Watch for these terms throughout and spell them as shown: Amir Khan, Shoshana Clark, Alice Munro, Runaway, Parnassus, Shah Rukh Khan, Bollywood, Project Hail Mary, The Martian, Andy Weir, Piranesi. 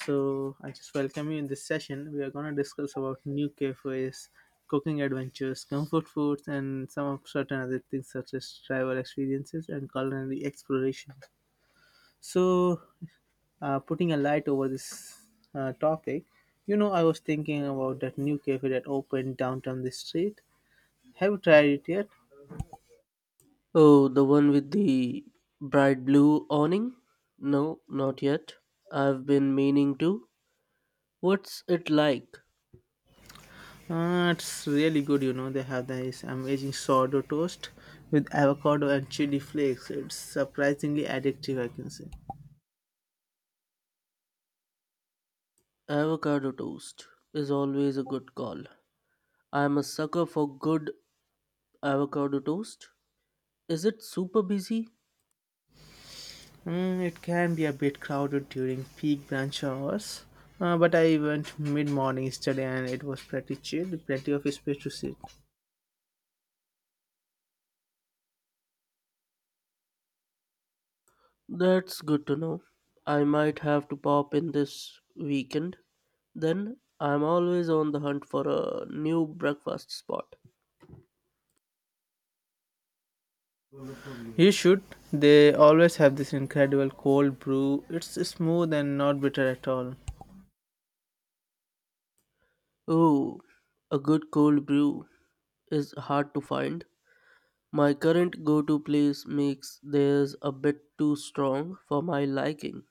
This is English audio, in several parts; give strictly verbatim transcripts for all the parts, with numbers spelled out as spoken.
So I just welcome you in this session. We are going to discuss about new cafes, cooking adventures, comfort foods, and some of certain other things such as travel experiences and culinary exploration. So, uh, putting a light over this uh, topic, you know, I was thinking about that new cafe that opened downtown this street. Have you tried it yet? Oh, the one with the bright blue awning? No, not yet. I've been meaning to. What's it like? Uh, it's really good, you know. They have this amazing sourdough toast with avocado and chili flakes. It's surprisingly addictive, I can say. Avocado toast is always a good call. I'm a sucker for good avocado toast. Is it super busy? Mm, it can be a bit crowded during peak brunch hours, uh, but I went mid morning yesterday and it was pretty chill, with plenty of space to sit. That's good to know. I might have to pop in this weekend. Then I'm always on the hunt for a new breakfast spot. You should. They always have this incredible cold brew. It's smooth and not bitter at all. Oh, a good cold brew is hard to find. My current go to place makes theirs a bit too strong for my liking.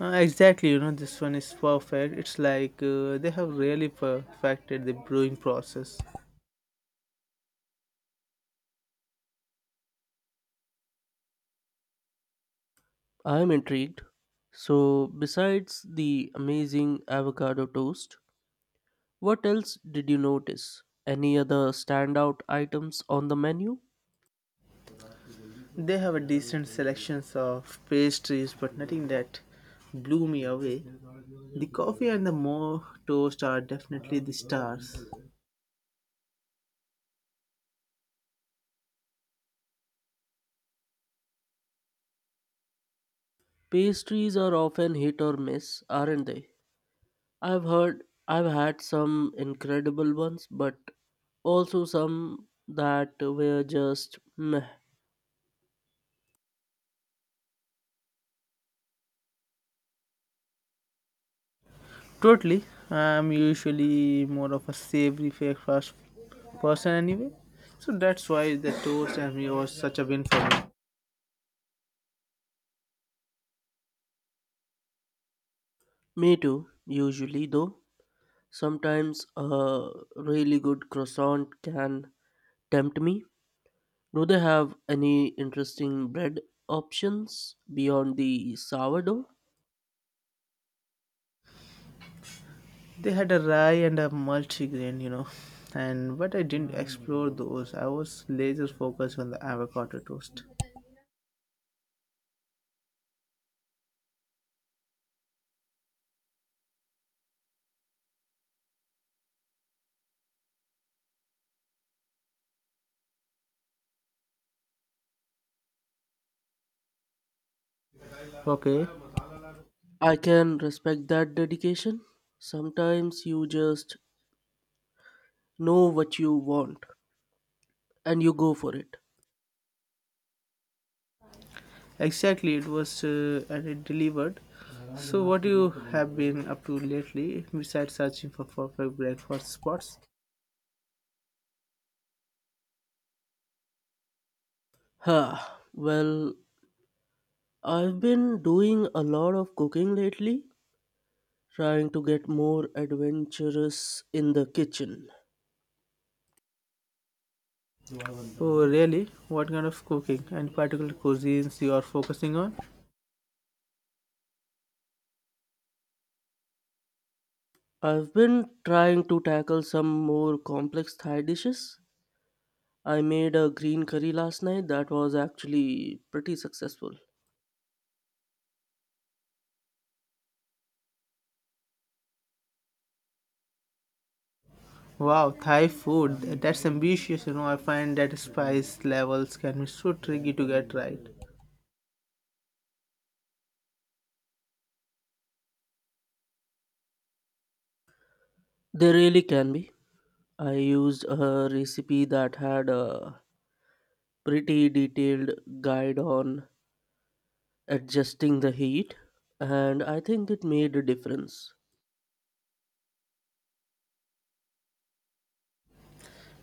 Uh, exactly, you know, this one is perfect. It's like uh, they have really perfected the brewing process. I am intrigued. So, besides the amazing avocado toast, what else did you notice? Any other standout items on the menu? They have a decent selections of pastries, but nothing that blew me away. The coffee and the more toast are definitely the stars. Pastries are often hit or miss, aren't they? I've heard I've had some incredible ones, but also some that were just meh. Totally, I'm usually more of a savory breakfast person anyway, so that's why the toast and me was such a win for me. Me too, usually though. Sometimes a really good croissant can tempt me. Do they have any interesting bread options beyond the sourdough? They had a rye and a multigrain, you know, and but I didn't explore those. I was laser focused on the avocado toast. Okay. I can respect that dedication. Sometimes you just know what you want and you go for it. Exactly, it was uh, and it delivered. So, what you have been up to lately besides searching for perfect breakfast spots? Huh. Well, I've been doing a lot of cooking lately, trying to get more adventurous in the kitchen. Oh, really? What kind of cooking and particular cuisines you are focusing on? I've been trying to tackle some more complex Thai dishes. I made a green curry last night that was actually pretty successful. Wow, Thai food. That's ambitious. You know, I find that spice levels can be so tricky to get right. They really can be. I used a recipe that had a pretty detailed guide on adjusting the heat, and I think it made a difference.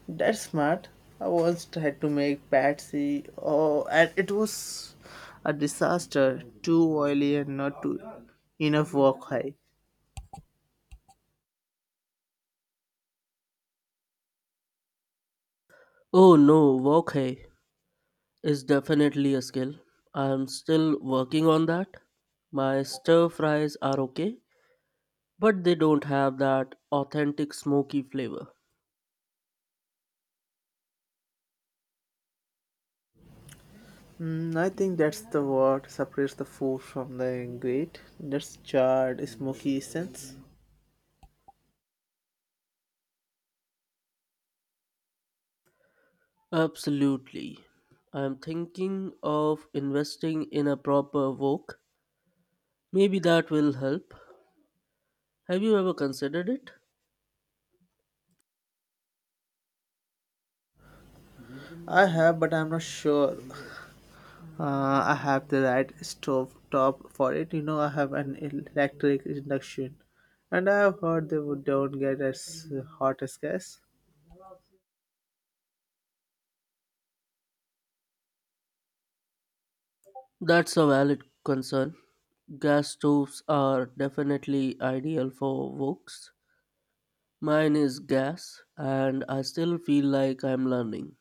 That's smart. I once tried to make patsy. Oh, and it was a disaster. Too oily and not too enough wok high. Oh no, wok hai is definitely a skill. I'm still working on that. My stir fries are okay, but they don't have that authentic smoky flavor. Mm, I think that's the what separates the food from the grate. That's charred, smoky essence. Absolutely. I'm thinking of investing in a proper wok. Maybe that will help. Have you ever considered it? I have, but I'm not sure. Uh, I have the right stove top for it. You know, I have an electric induction, and I have heard they would don't get as hot as gas. That's a valid concern. Gas stoves are definitely ideal for woks. Mine is gas, and I still feel like I'm learning.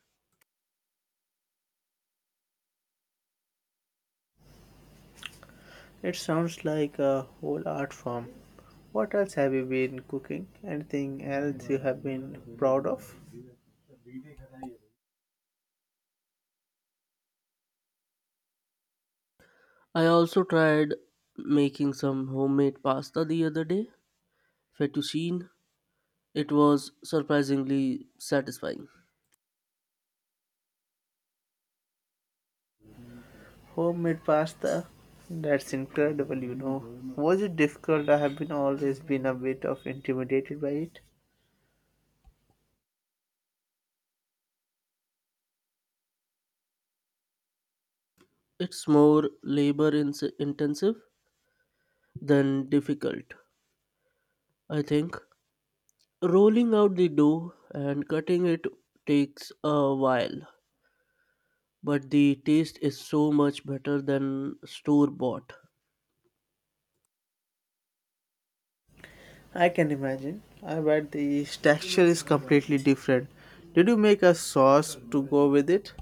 It sounds like a whole art form. What else have you been cooking? Anything else you have been proud of? I also tried making some homemade pasta the other day, fettuccine. It was surprisingly satisfying. Homemade pasta? That's incredible, you know. Was it difficult? I have been always been a bit of intimidated by it. It's more labor ins intensive than difficult, I think. Rolling out the dough and cutting it takes a while, but the taste is so much better than store bought. I can imagine. I bet the texture is completely different. Did you make a sauce to go with it?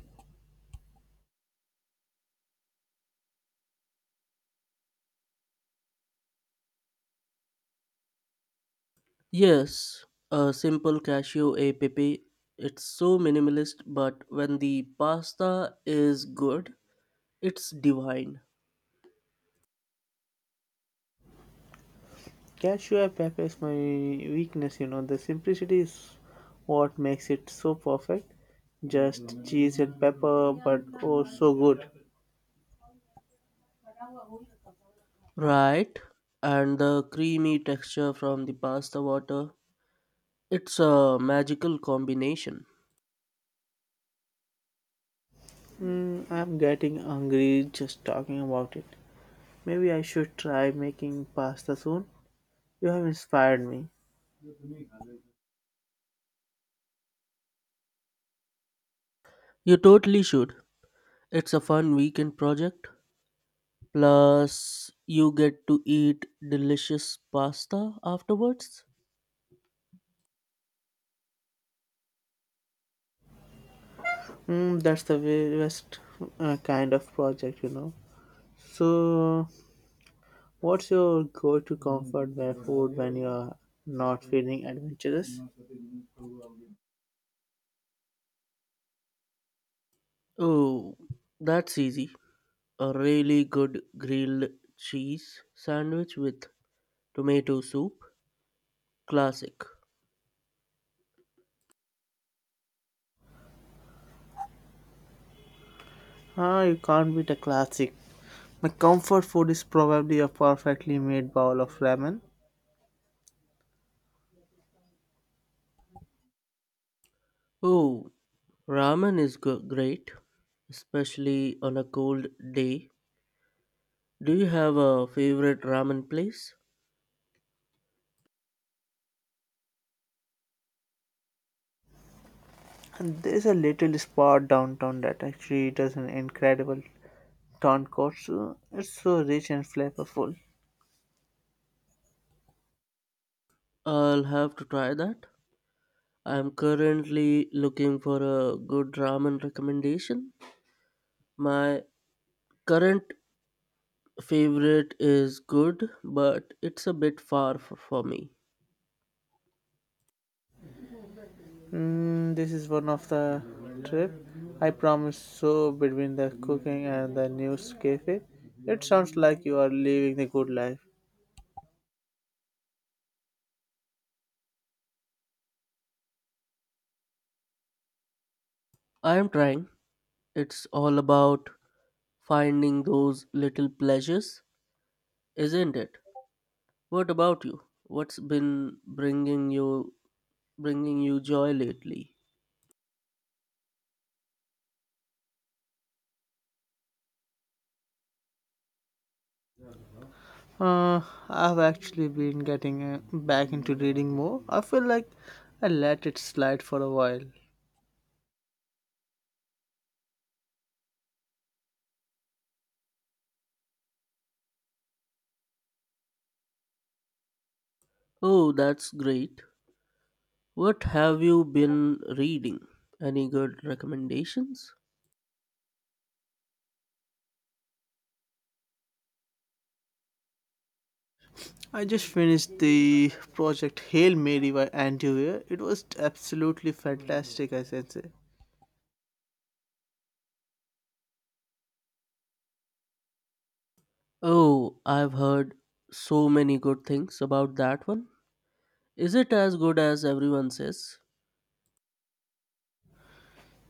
Yes, a simple cashew e pepe. It's so minimalist, but when the pasta is good, it's divine. Cashew and pepper is my weakness, you know. The simplicity is what makes it so perfect. Just cheese and pepper, but oh, so good. Right? And the creamy texture from the pasta water. It's a magical combination. Mm, I'm getting hungry just talking about it. Maybe I should try making pasta soon. You have inspired me. You totally should. It's a fun weekend project. Plus, you get to eat delicious pasta afterwards. Mm, that's the very best uh, kind of project, you know. So, what's your go-to comfort where food when you are not feeling adventurous? Oh, that's easy. A really good grilled cheese sandwich with tomato soup. Classic. Ah, you can't beat a classic. My comfort food is probably a perfectly made bowl of ramen. Oh, ramen is go- great, especially on a cold day. Do you have a favorite ramen place? And there's a little spot downtown that actually does an incredible tonkotsu. It's so rich and flavorful. I'll have to try that. I'm currently looking for a good ramen recommendation. My current favorite is good, but it's a bit far f- for me. Mm, this is one of the trip. I promise. So between the cooking and the news cafe, it sounds like you are living the good life. I am trying. It's all about finding those little pleasures, isn't it? What about you? What's been bringing you bringing you joy lately? Uh, I've actually been getting uh, back into reading more. I feel like I let it slide for a while. Oh, that's great. What have you been reading? Any good recommendations? I just finished the project Hail Mary by Andy Weir. It was absolutely fantastic, I should say. Oh, I've heard so many good things about that one. Is it as good as everyone says?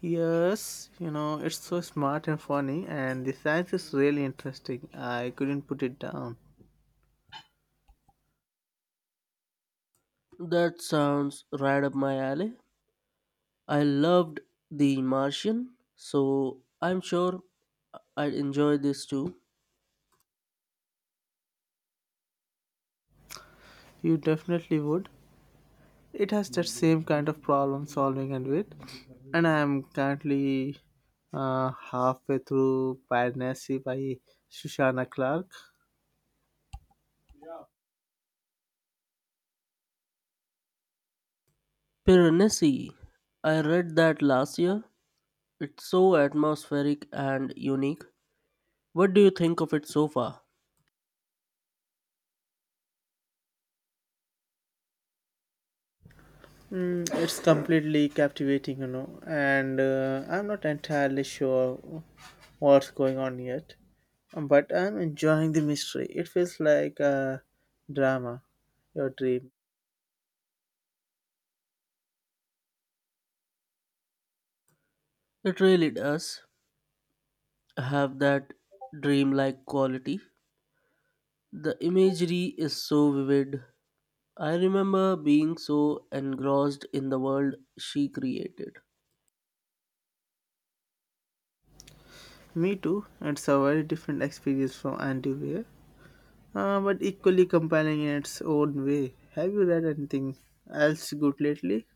Yes, you know, it's so smart and funny, and the science is really interesting. I couldn't put it down. That sounds right up my alley. I loved The Martian, so I'm sure I'd enjoy this too. You definitely would. It has that same kind of problem solving and wit. And I am currently uh, halfway through Parnassi by Shoshana Clark. Piranesi. I read that last year. It's so atmospheric and unique. What do you think of it so far? Mm, it's completely captivating, you know, and uh, I'm not entirely sure what's going on yet, but I'm enjoying the mystery. It feels like a drama, your dream. It really does have that dreamlike quality. The imagery is so vivid. I remember being so engrossed in the world she created. Me too. It's a very different experience from Andy. Uh, but equally compelling in its own way. Have you read anything else good lately?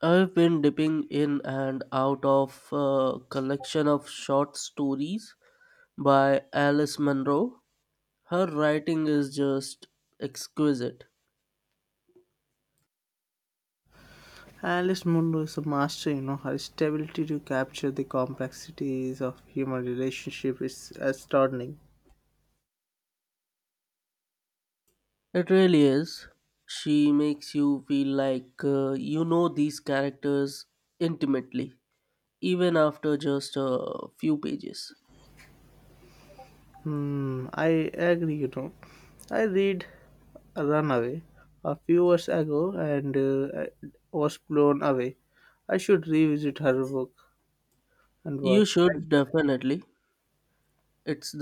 I've been dipping in and out of a collection of short stories by Alice Munro. Her writing is just exquisite. Alice Munro is a master, you know. Her stability to capture the complexities of human relationship is astounding. It really is. She makes you feel like uh, you know these characters intimately, even after just a few pages. Hmm, I agree, you know. I read Runaway a few years ago and uh, I was blown away. I should revisit her book and You work. should definitely. It's